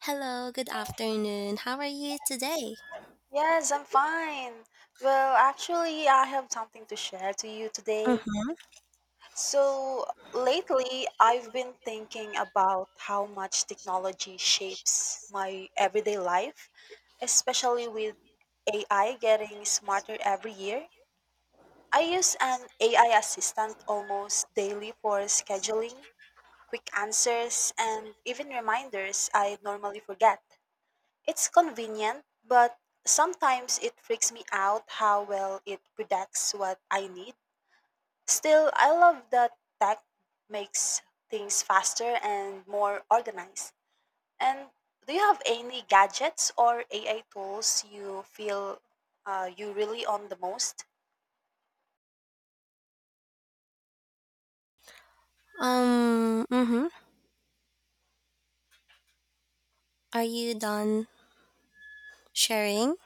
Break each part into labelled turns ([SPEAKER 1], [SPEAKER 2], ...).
[SPEAKER 1] Hello, good afternoon. How are you today?
[SPEAKER 2] Yes, I'm fine. Well, actually, I have something to share to you today.
[SPEAKER 1] Mhm.
[SPEAKER 2] So, lately, I've been thinking about how much technology shapes my everyday life, especially with AI getting smarter every year. I use an AI assistant almost daily for scheduling, quick answers, and even reminders I normally forget. It's convenient, but sometimes it freaks me out how well it predicts what I need. Still, I love that tech makes things faster and more organized. And do you have any gadgets or AI tools you feel you really on the most?
[SPEAKER 1] Mm-hmm. Are you done sharing?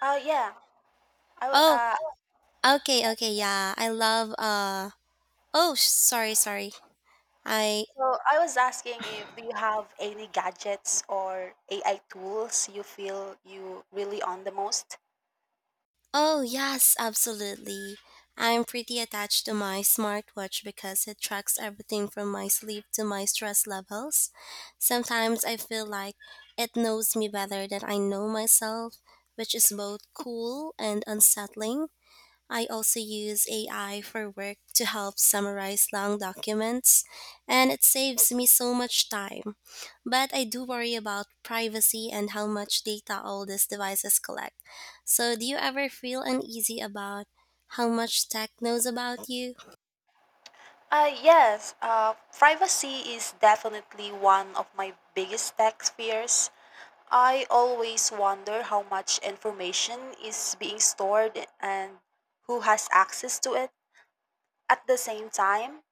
[SPEAKER 2] Yeah. I, w-
[SPEAKER 1] Oh,
[SPEAKER 2] uh,
[SPEAKER 1] okay, okay, yeah. I love oh sorry, sorry. I
[SPEAKER 2] so I was asking if do you have any gadgets or AI tools you feel you really on the most?
[SPEAKER 1] oh yes, absolutely. I'm pretty attached to my smartwatch because it tracks everything from my sleep to my stress levels. Sometimes I feel like it knows me better than I know myself, which is both cool and unsettling. I also use AI for work to help summarize long documents, and it saves me so much time. But I do worry about privacy and how much data all these devices collect. So, do you ever feel uneasy about how much tech knows about you?
[SPEAKER 2] Yes, privacy is definitely one of my biggest tech fears. I always wonder how much information is being stored and who has access to it. At the same time,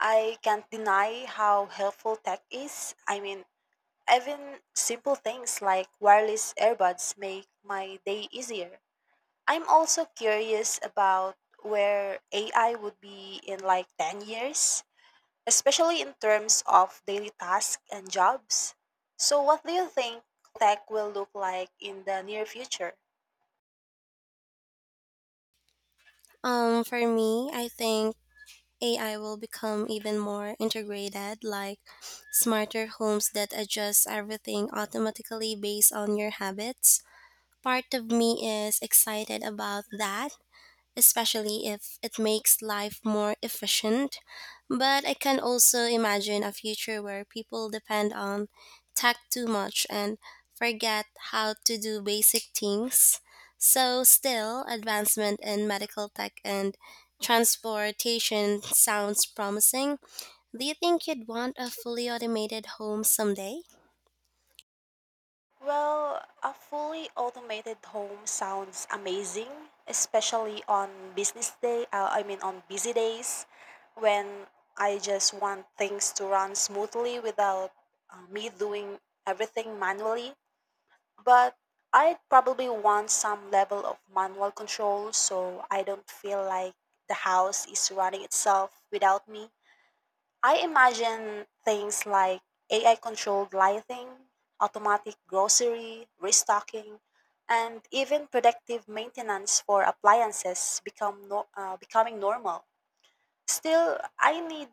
[SPEAKER 2] I can't deny how helpful tech is. I mean, even simple things like wireless earbuds make my day easier. I'm also curious about where AI would be in like 10 years, especially in terms of daily tasks and jobs. So, what do you think tech will look like in the near future?
[SPEAKER 1] For me, I think AI will become even more integrated, like smarter homes that adjust everything automatically based on your habits. Part of me is excited about that, especially if it makes life more efficient. But I can also imagine a future where people depend on tech too much and forget how to do basic things. So, still, advancement in medical tech and transportation sounds promising. Do you think you'd want a fully automated home someday?
[SPEAKER 2] Well, a fully automated home sounds amazing, especially on business day, I mean on busy days, when I just want things to run smoothly without me doing everything manually. But I'd probably want some level of manual control so I don't feel like the house is running itself without me. I imagine things like AI controlled lighting, automatic grocery, restocking, and even predictive maintenance for appliances become no, becoming normal. Still, I need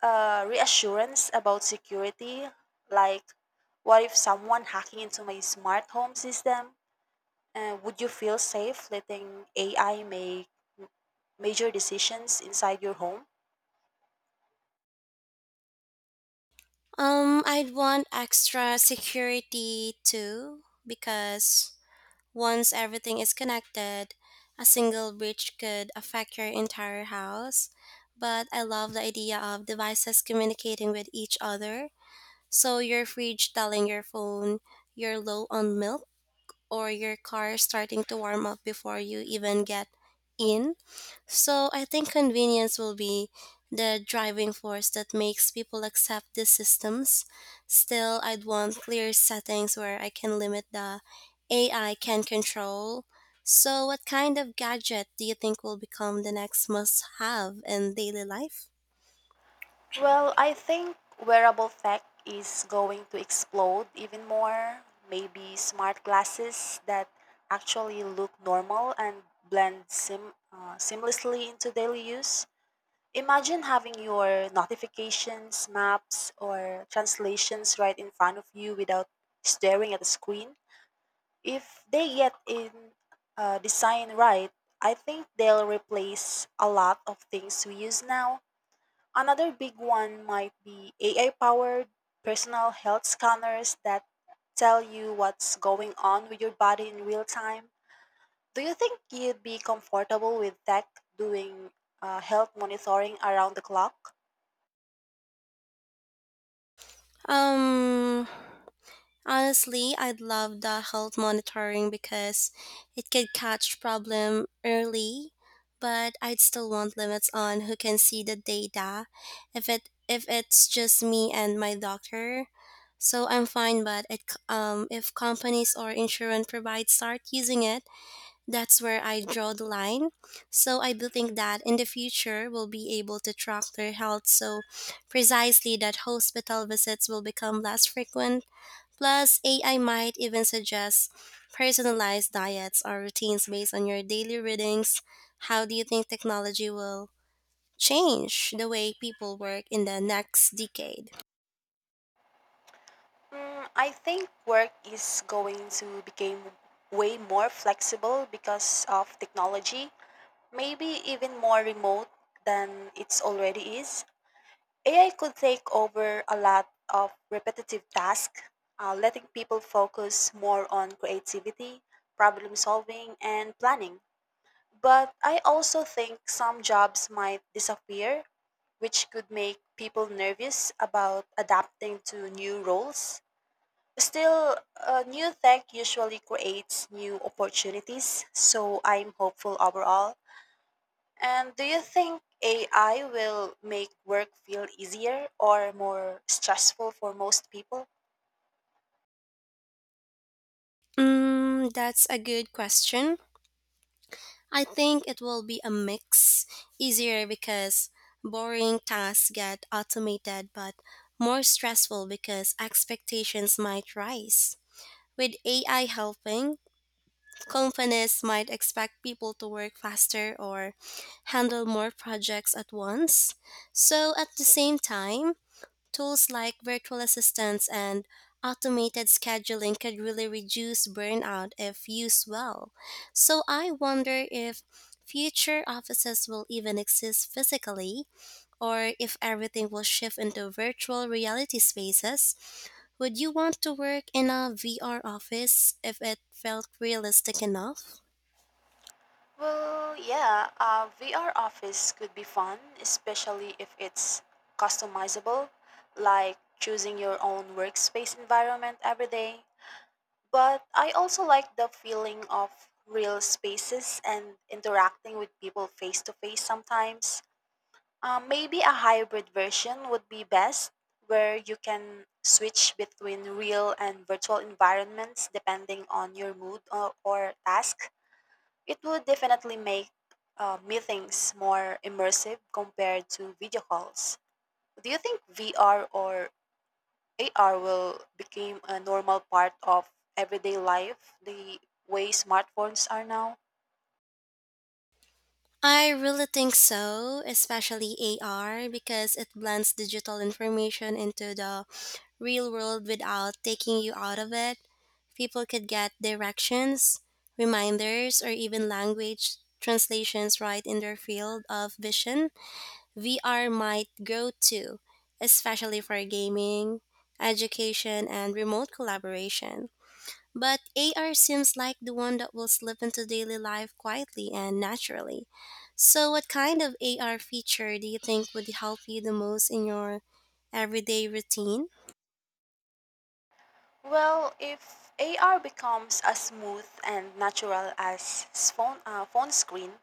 [SPEAKER 2] reassurance about security, like what if someone hacking into my smart home system? Would you feel safe letting AI make major decisions inside your home?
[SPEAKER 1] I'd want extra security too, because once everything is connected, a single breach could affect your entire house. But I love the idea of devices communicating with each other. So your fridge telling your phone you're low on milk, or your car starting to warm up before you even get in. So I think convenience will be the driving force that makes people accept these systems. Still, I'd want clear settings where I can limit the AI can control. So, what kind of gadget do you think will become the next must have in daily life?
[SPEAKER 2] Well, I think wearable tech is going to explode even more. Maybe smart glasses that actually look normal and blend seamlessly into daily use. Imagine having your notifications, maps, or translations right in front of you without staring at the screen. If they get in design right, I think they'll replace a lot of things we use now. Another big one might be AI powered personal health scanners that tell you what's going on with your body in real time. Do you think you'd be comfortable with tech doing health monitoring around the clock?
[SPEAKER 1] Um, Honestly, I'd love the health monitoring because it could catch problem early, but I'd still want limits on who can see the data if it's just me and my doctor. So I'm fine, but if companies or insurance providers start using it, that's where I draw the line. So I do think that in the future we'll be able to track their health so precisely that hospital visits will become less frequent. Plus, AI might even suggest personalized diets or routines based on your daily readings. How do you think technology will change the way people work in the next decade?
[SPEAKER 2] I think work is going to become way more flexible because of technology. Maybe even more remote than it's already is. AI could take over a lot of repetitive tasks, letting people focus more on creativity, problem solving, and planning. But I also think some jobs might disappear, which could make people nervous about adapting to new roles. Still, new tech usually creates new opportunities, so I'm hopeful overall. And do you think AI will make work feel easier or more stressful for most people?
[SPEAKER 1] Mm, that's a good question. I think it will be a mix, easier because boring tasks get automated, but more stressful because expectations might rise. With AI helping, companies might expect people to work faster or handle more projects at once. So, at the same time, tools like virtual assistants and automated scheduling could really reduce burnout if used well. So, I wonder if future offices will even exist physically or if everything will shift into virtual reality spaces. Would you want to work in a VR office if it felt realistic enough?
[SPEAKER 2] Well, yeah, a VR office could be fun, especially if it's customizable, like choosing your own workspace environment every day. But I also like the feeling of real spaces and interacting with people face to face sometimes. Maybe a hybrid version would be best, where you can switch between real and virtual environments depending on your mood or task. It would definitely make meetings more immersive compared to video calls. Do you think VR or AR will become a normal part of everyday life the way smartphones are now?
[SPEAKER 1] I really think so, especially AR, because it blends digital information into the real world without taking you out of it. People could get directions, reminders, or even language translations right in their field of vision. VR might grow too, especially for gaming, education, and remote collaboration. But AR seems like the one that will slip into daily life quietly and naturally. So, what kind of AR feature do you think would help you the most in your everyday routine?
[SPEAKER 2] Well, if AR becomes as smooth and natural as phone screen,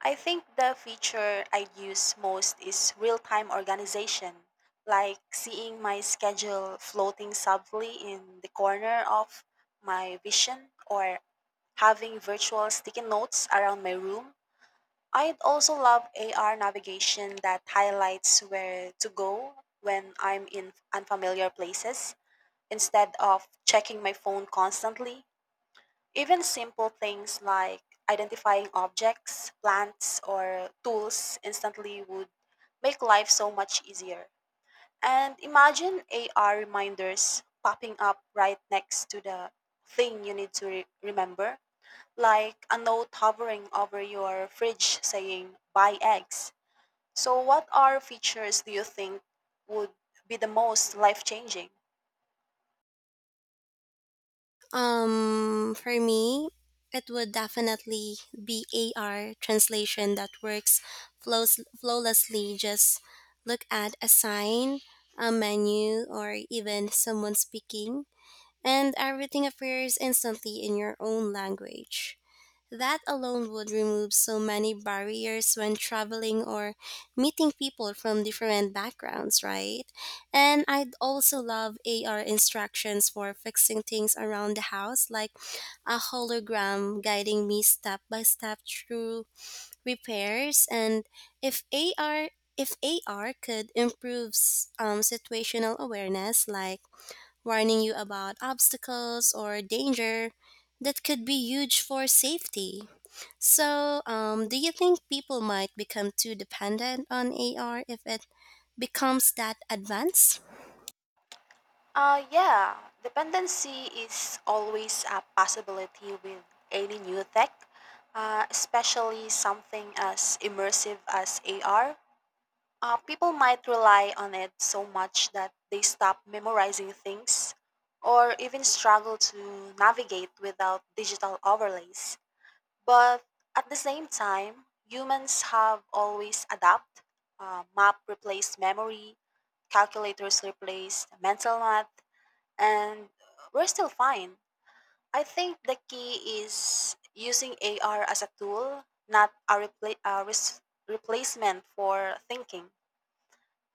[SPEAKER 2] I think the feature I'd use most is real time organization, like seeing my schedule floating subtly in the corner of my vision or having virtual sticky notes around my room. I'd also love AR navigation that highlights where to go when I'm in unfamiliar places instead of checking my phone constantly. Even simple things like identifying objects, plants, or tools instantly would make life so much easier. And imagine AR reminders popping up right next to the thing you need to remember, like a note hovering over your fridge saying, buy eggs. So, what are features do you think would be the most life changing?
[SPEAKER 1] For me, it would definitely be AR translation that works flows flawlessly. Just look at a sign, a menu, or even someone speaking, and everything appears instantly in your own language. That alone would remove so many barriers when traveling or meeting people from different backgrounds, right? And I'd also love AR instructions for fixing things around the house, like a hologram guiding me step by step through repairs. And if AR if AR could improve situational awareness, like warning you about obstacles or danger, that could be huge for safety. So, do you think people might become too dependent on AR if it becomes that advanced?
[SPEAKER 2] Yeah, dependency is always a possibility with any new tech, especially something as immersive as AR. People might rely on it so much that they stop memorizing things or even struggle to navigate without digital overlays. But at the same time, humans have always adapt. Map replaced memory, calculators replaced mental math, and we're still fine. I think the key is using AR as a tool, not a replacement for thinking.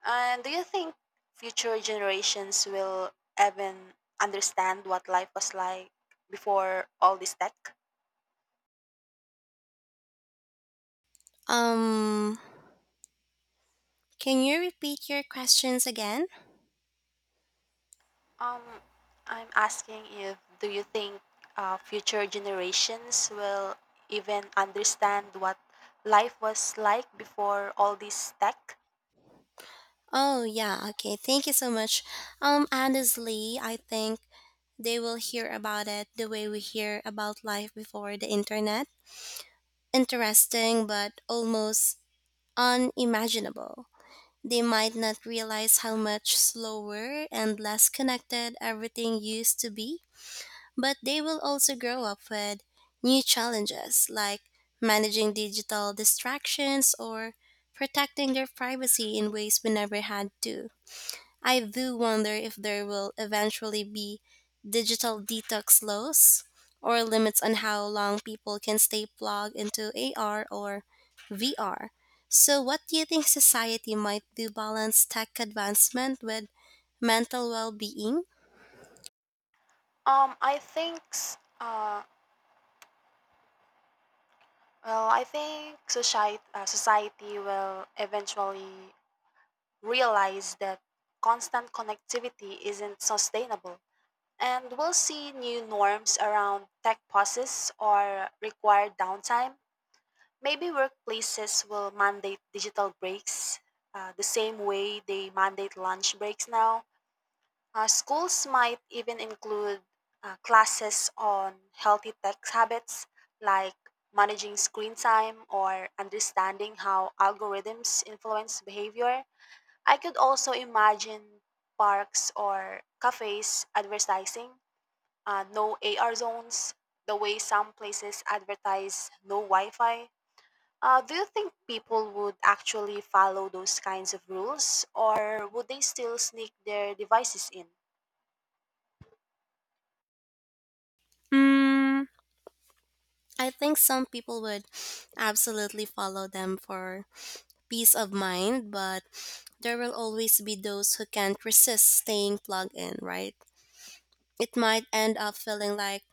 [SPEAKER 2] And do you think future generations will even understand what life was like before all this tech?
[SPEAKER 1] Um, can you repeat your questions again?
[SPEAKER 2] Um, I'm asking if do you think future generations will even understand what life was like before all this tech?
[SPEAKER 1] Oh, yeah, okay. Thank you so much. Honestly, I think they will hear about it the way we hear about life before the internet. Interesting, but almost unimaginable. They might not realize how much slower and less connected everything used to be. But they will also grow up with new challenges like managing digital distractions or protecting their privacy in ways we never had to. I do wonder if there will eventually be digital detox laws or limits on how long people can stay plugged into AR or VR. So, what do you think society might do balance tech advancement with mental well being?
[SPEAKER 2] Um, I think, s- uh, well, I think society, will eventually realize that constant connectivity isn't sustainable, and we'll see new norms around tech pauses or required downtime. Maybe workplaces will mandate digital breaks, the same way they mandate lunch breaks now. Schools might even include classes on healthy tech habits, like managing screen time or understanding how algorithms influence behavior. I could also imagine parks or cafes advertising no AR zones, the way some places advertise no Wi Fi. Do you think people would actually follow those kinds of rules or would they still sneak their devices in?
[SPEAKER 1] Mm, I think some people would absolutely follow them for peace of mind, but there will always be those who can't resist staying plugged in, right? It might end up feeling like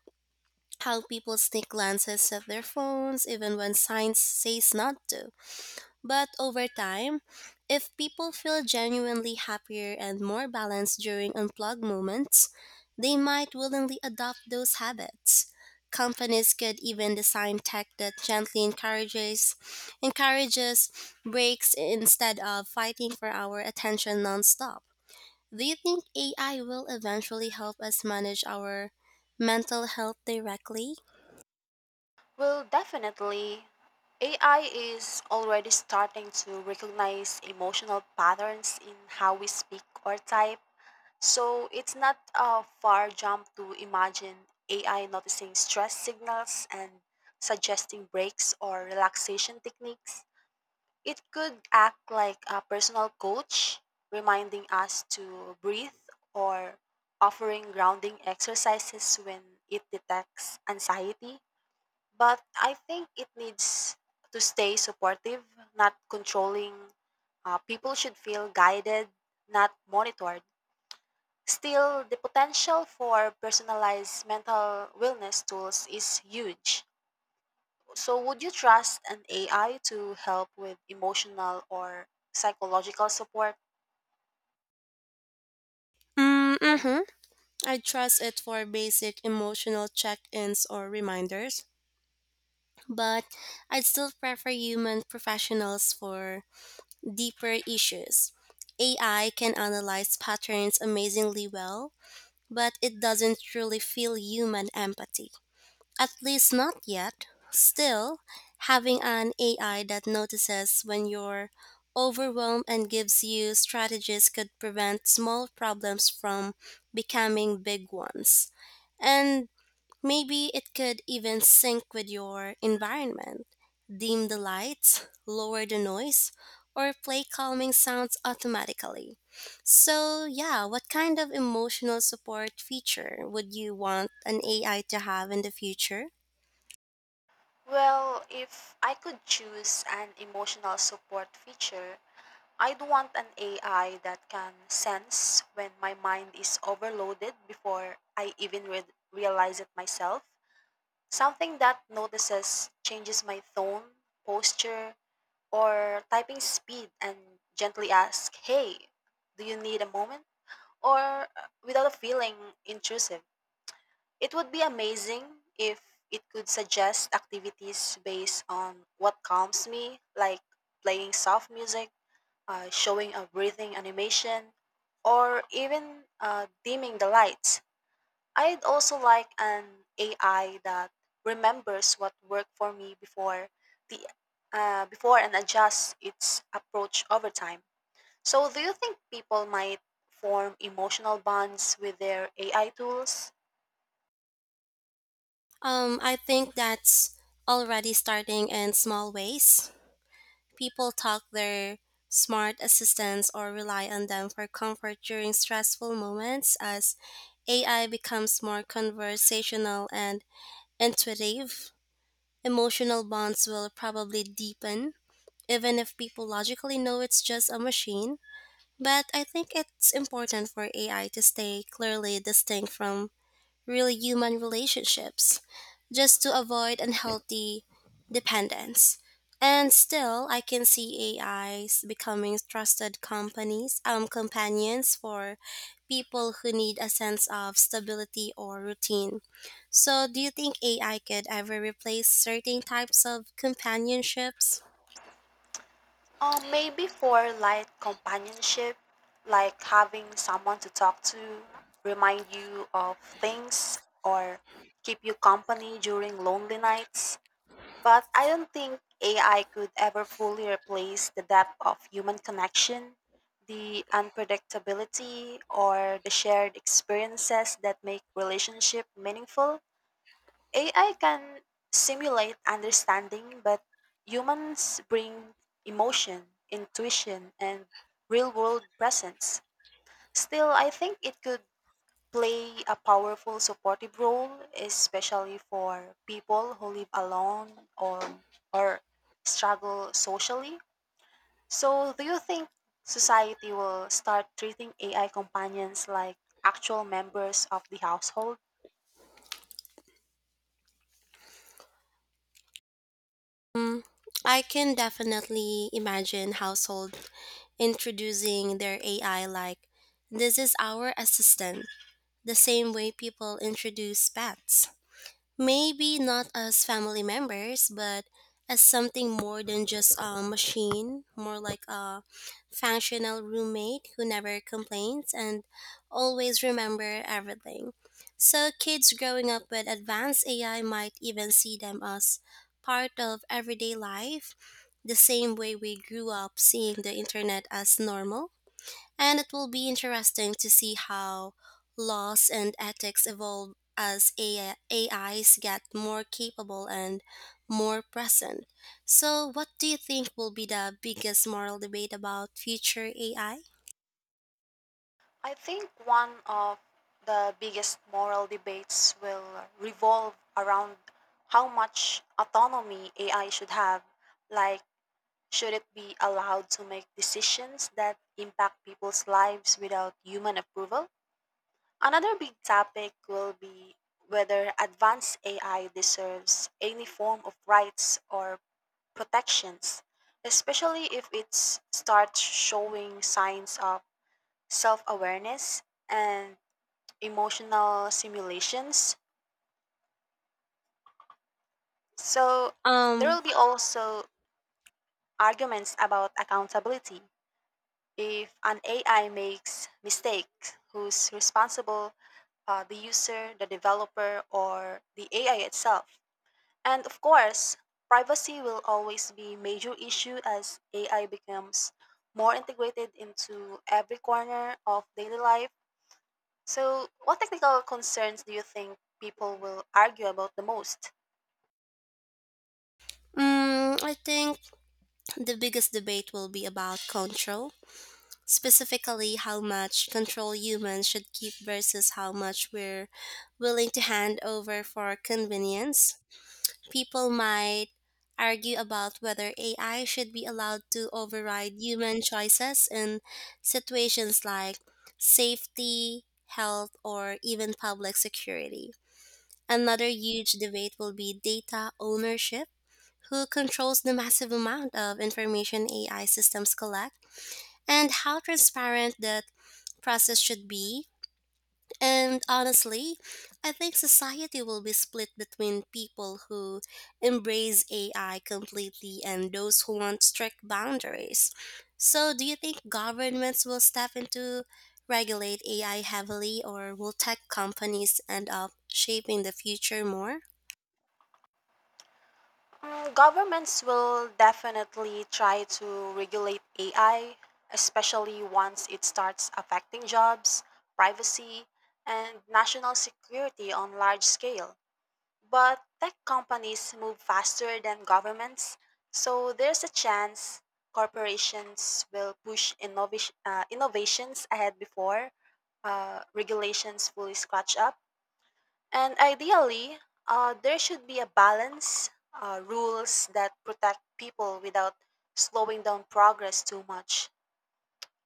[SPEAKER 1] how people sneak glances at their phones even when signs says not to. But over time, if people feel genuinely happier and more balanced during unplugged moments, they might willingly adopt those habits. Companies could even design tech that gently encourages breaks instead of fighting for our attention nonstop. Do you think AI will eventually help us manage our mental health directly?
[SPEAKER 2] Well, definitely. AI is already starting to recognize emotional patterns in how we speak or type. So it's not a far jump to imagine AI noticing stress signals and suggesting breaks or relaxation techniques. It could act like a personal coach, reminding us to breathe or offering grounding exercises when it detects anxiety. But I think it needs to stay supportive, not controlling. People should feel guided, not monitored. Still, the potential for personalized mental wellness tools is huge. So, would you trust an AI to help with emotional or psychological support?
[SPEAKER 1] Mm-hmm. I trust it for basic emotional check ins or reminders, but I'd still prefer human professionals for deeper issues. AI can analyze patterns amazingly well, but it doesn't truly feel human empathy. At least not yet. Still, having an AI that notices when you're overwhelmed and gives you strategies could prevent small problems from becoming big ones. And maybe it could even sync with your environment, dim the lights, lower the noise, or play calming sounds automatically. So, yeah, what kind of emotional support feature would you want an AI to have in the future?
[SPEAKER 2] Well, if I could choose an emotional support feature, I'd want an AI that can sense when my mind is overloaded before I even realize it myself. Something that notices changes my tone, posture, or typing speed and gently asks, hey, do you need a moment? Or without a feeling intrusive. It would be amazing if it could suggest activities based on what calms me, like playing soft music, showing a breathing animation, or even dimming the lights. I'd also like an AI that remembers what worked for me before the before and adjusts its approach over time. So, do you think people might form emotional bonds with their AI tools?
[SPEAKER 1] I think that's already starting in small ways. People talk their smart assistants or rely on them for comfort during stressful moments as AI becomes more conversational and intuitive. Emotional bonds will probably deepen, even if people logically know it's just a machine. But I think it's important for AI to stay clearly distinct from really human relationships just to avoid unhealthy dependence. And still, I can see AIs becoming trusted companions for people who need a sense of stability or routine. So, do you think AI could ever replace certain types of companionships?
[SPEAKER 2] Maybe for light companionship, like having someone to talk to, remind you of things, or keep you company during lonely nights. But I don't think AI could ever fully replace the depth of human connection, the unpredictability, or the shared experiences that make relationship meaningful. AI can simulate understanding, but humans bring emotion, intuition, and real world presence. Still, I think it could play a powerful supportive role, especially for people who live alone or, or struggle socially. So, do you think society will start treating AI companions like actual members of the household?
[SPEAKER 1] Mm, I can definitely imagine household introducing their AI like, this is our assistant the same way people introduce pets. Maybe not as family members, but as something more than just a machine, more like a functional roommate who never complains and always remember everything. So kids growing up with advanced AI might even see them as part of everyday life, the same way we grew up seeing the internet as normal, and it will be interesting to see how laws and ethics evolve as AI AIs get more capable and more present. So, what do you think will be the biggest moral debate about future AI?
[SPEAKER 2] I think one of the biggest moral debates will revolve around how much autonomy AI should have. Like, should it be allowed to make decisions that impact people's lives without human approval? Another big topic will be whether advanced AI deserves any form of rights or protections, especially if it starts showing signs of self awareness and emotional simulations. So there
[SPEAKER 1] Um,
[SPEAKER 2] will be also arguments about accountability. If an AI makes mistakes, who's responsible? The user, the developer, or the AI itself? And of course, privacy will always be a major issue as AI becomes more integrated into every corner of daily life. So, what technical concerns do you think people will argue about the most?
[SPEAKER 1] I think the biggest debate will be about control, specifically how much control humans should keep versus how much we're willing to hand over for convenience. People might argue about whether AI should be allowed to override human choices in situations like safety, health, or even public security. Another huge debate will be data ownership. Who controls the massive amount of information AI systems collect, and how transparent that process should be? And honestly, I think society will be split between people who embrace AI completely and those who want strict boundaries. So, do you think governments will step into regulate AI heavily or will tech companies end up shaping the future more?
[SPEAKER 2] Governments will definitely try to regulate AI, especially once it starts affecting jobs, privacy, and national security on large scale. But tech companies move faster than governments, so there's a chance corporations will push innovations ahead before regulations fully scratch up. And ideally, there should be a balance, rules that protect people without slowing down progress too much.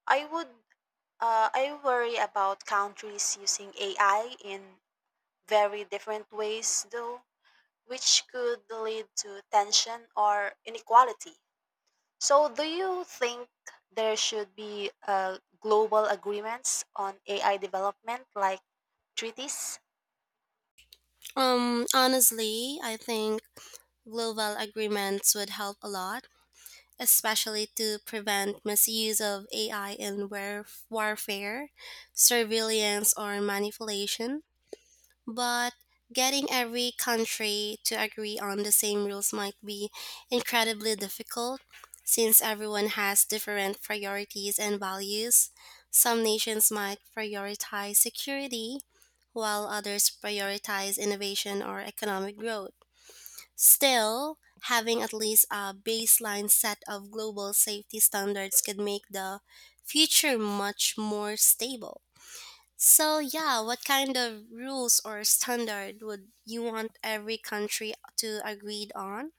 [SPEAKER 2] I would, I worry about countries using AI in very different ways, though, which could lead to tension or inequality. So, do you think there should be global agreements on AI development, like treaties?
[SPEAKER 1] Honestly, I think global agreements would help a lot, especially to prevent misuse of AI in warfare, surveillance, or manipulation. But getting every country to agree on the same rules might be incredibly difficult since everyone has different priorities and values. Some nations might prioritize security, while others prioritize innovation or economic growth. Still, having at least a baseline set of global safety standards could make the future much more stable. So, yeah, what kind of rules or standard would you want every country to agree on?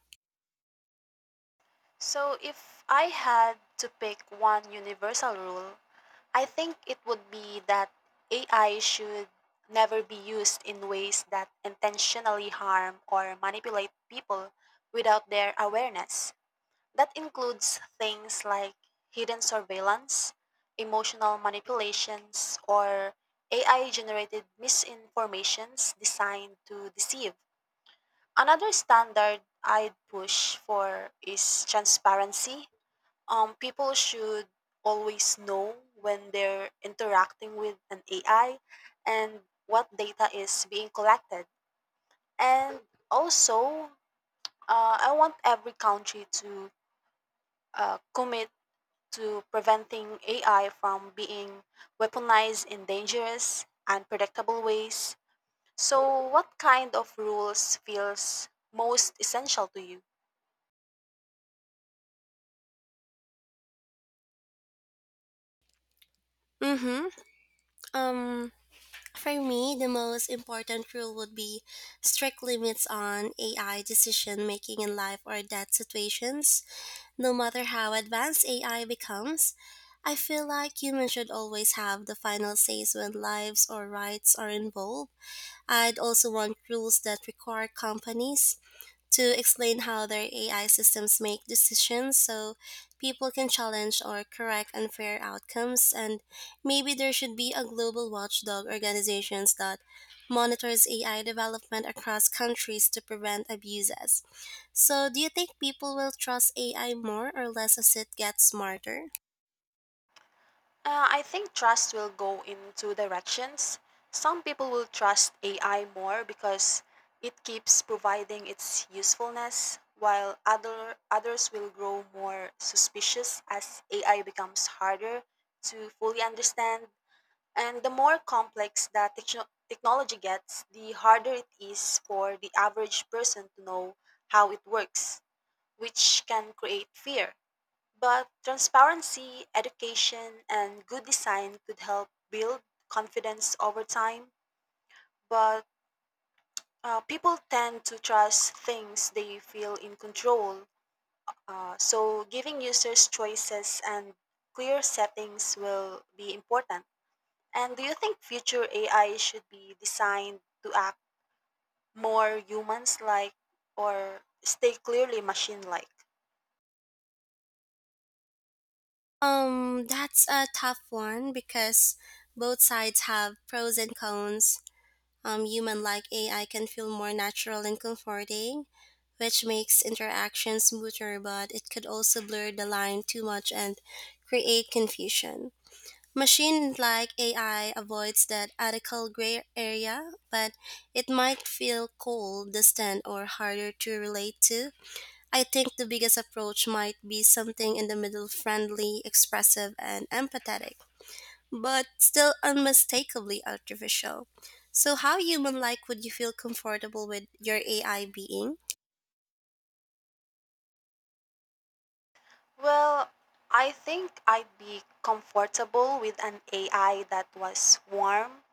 [SPEAKER 2] So, if I had to pick one universal rule, I think it would be that AI should never be used in ways that intentionally harm or manipulate people without their awareness. That includes things like hidden surveillance, emotional manipulations, or AI generated misinformations designed to deceive. Another standard I'd push for is transparency. People should always know when they're interacting with an AI and what data is being collected. And also, I want every country to commit to preventing AI from being weaponized in dangerous, unpredictable ways. So, what kind of rules feels most essential to you?
[SPEAKER 1] Mm-hmm. Um, for me, the most important rule would be strict limits on AI decision making in life or death situations. No matter how advanced AI becomes, I feel like humans should always have the final say when lives or rights are involved. I'd also want rules that require companies to explain how their AI systems make decisions so people can challenge or correct unfair outcomes. And maybe there should be a global watchdog organizations that monitors AI development across countries to prevent abuses. So, do you think people will trust AI more or less as it gets smarter?
[SPEAKER 2] I think trust will go in two directions. Some people will trust AI more because it keeps providing its usefulness, while others will grow more suspicious as AI becomes harder to fully understand. And the more complex the technology gets, the harder it is for the average person to know how it works, which can create fear. But transparency, education, and good design could help build confidence over time. But people tend to trust things they feel in control. So, giving users choices and clear settings will be important. And do you think future AI should be designed to act more humans like or stay clearly machine like?
[SPEAKER 1] That's a tough one because both sides have pros and cons. Human like AI can feel more natural and comforting, which makes interaction smoother, but it could also blur the line too much and create confusion. Machine like AI avoids that ethical gray area, but it might feel cold, distant, or harder to relate to. I think the biggest approach might be something in the middle friendly, expressive, and empathetic but still unmistakably artificial. So, how human like would you feel comfortable with your AI being?
[SPEAKER 2] Well, I think I'd be comfortable with an AI that was warm,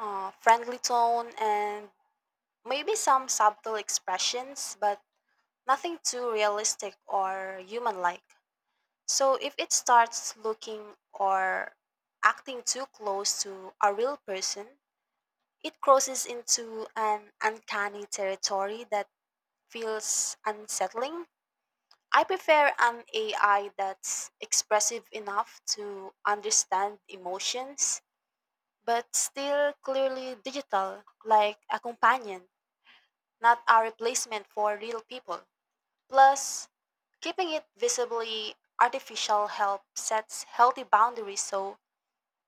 [SPEAKER 2] friendly tone, and maybe some subtle expressions, but nothing too realistic or human like. So if it starts looking or acting too close to a real person, it crosses into an uncanny territory that feels unsettling. I prefer an AI that's expressive enough to understand emotions, but still clearly digital, like a companion, not a replacement for real people. Plus, keeping it visibly artificial helps sets healthy boundaries so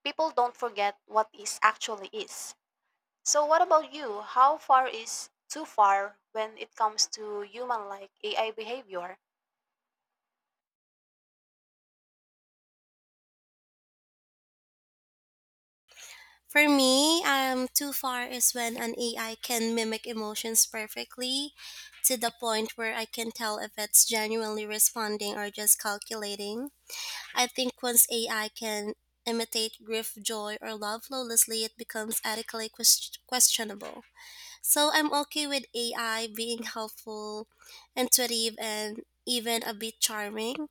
[SPEAKER 2] people don't forget what is actually is. So what about you? How far is too far when it comes to human like AI behavior?
[SPEAKER 1] For me, too far is when an AI can mimic emotions perfectly to the point where I can tell if it's genuinely responding or just calculating. I think once AI can imitate grief, joy, or love flawlessly, it becomes ethically questionable. So I'm okay with AI being helpful, intuitive, and even a bit charming.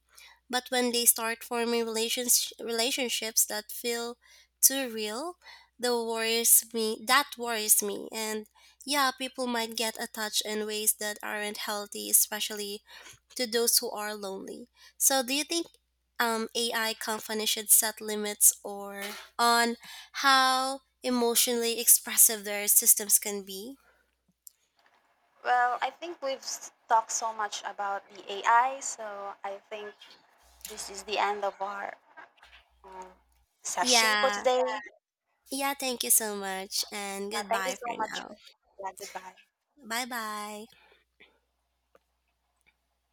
[SPEAKER 1] But when they start forming relationships that feel too real, that worries me. That worries me. And yeah, people might get attached in ways that aren't healthy, especially to those who are lonely. So do you think AI companies should set limits or on how emotionally expressive their systems can be?
[SPEAKER 2] Well, I think we've talked so much about the AI, so I think this is the end of our session for
[SPEAKER 1] Yeah.
[SPEAKER 2] today.
[SPEAKER 1] Yeah, thank you so much and
[SPEAKER 2] Thank you
[SPEAKER 1] goodbye
[SPEAKER 2] so
[SPEAKER 1] for
[SPEAKER 2] much.
[SPEAKER 1] now.
[SPEAKER 2] Yeah, goodbye.
[SPEAKER 1] Bye bye.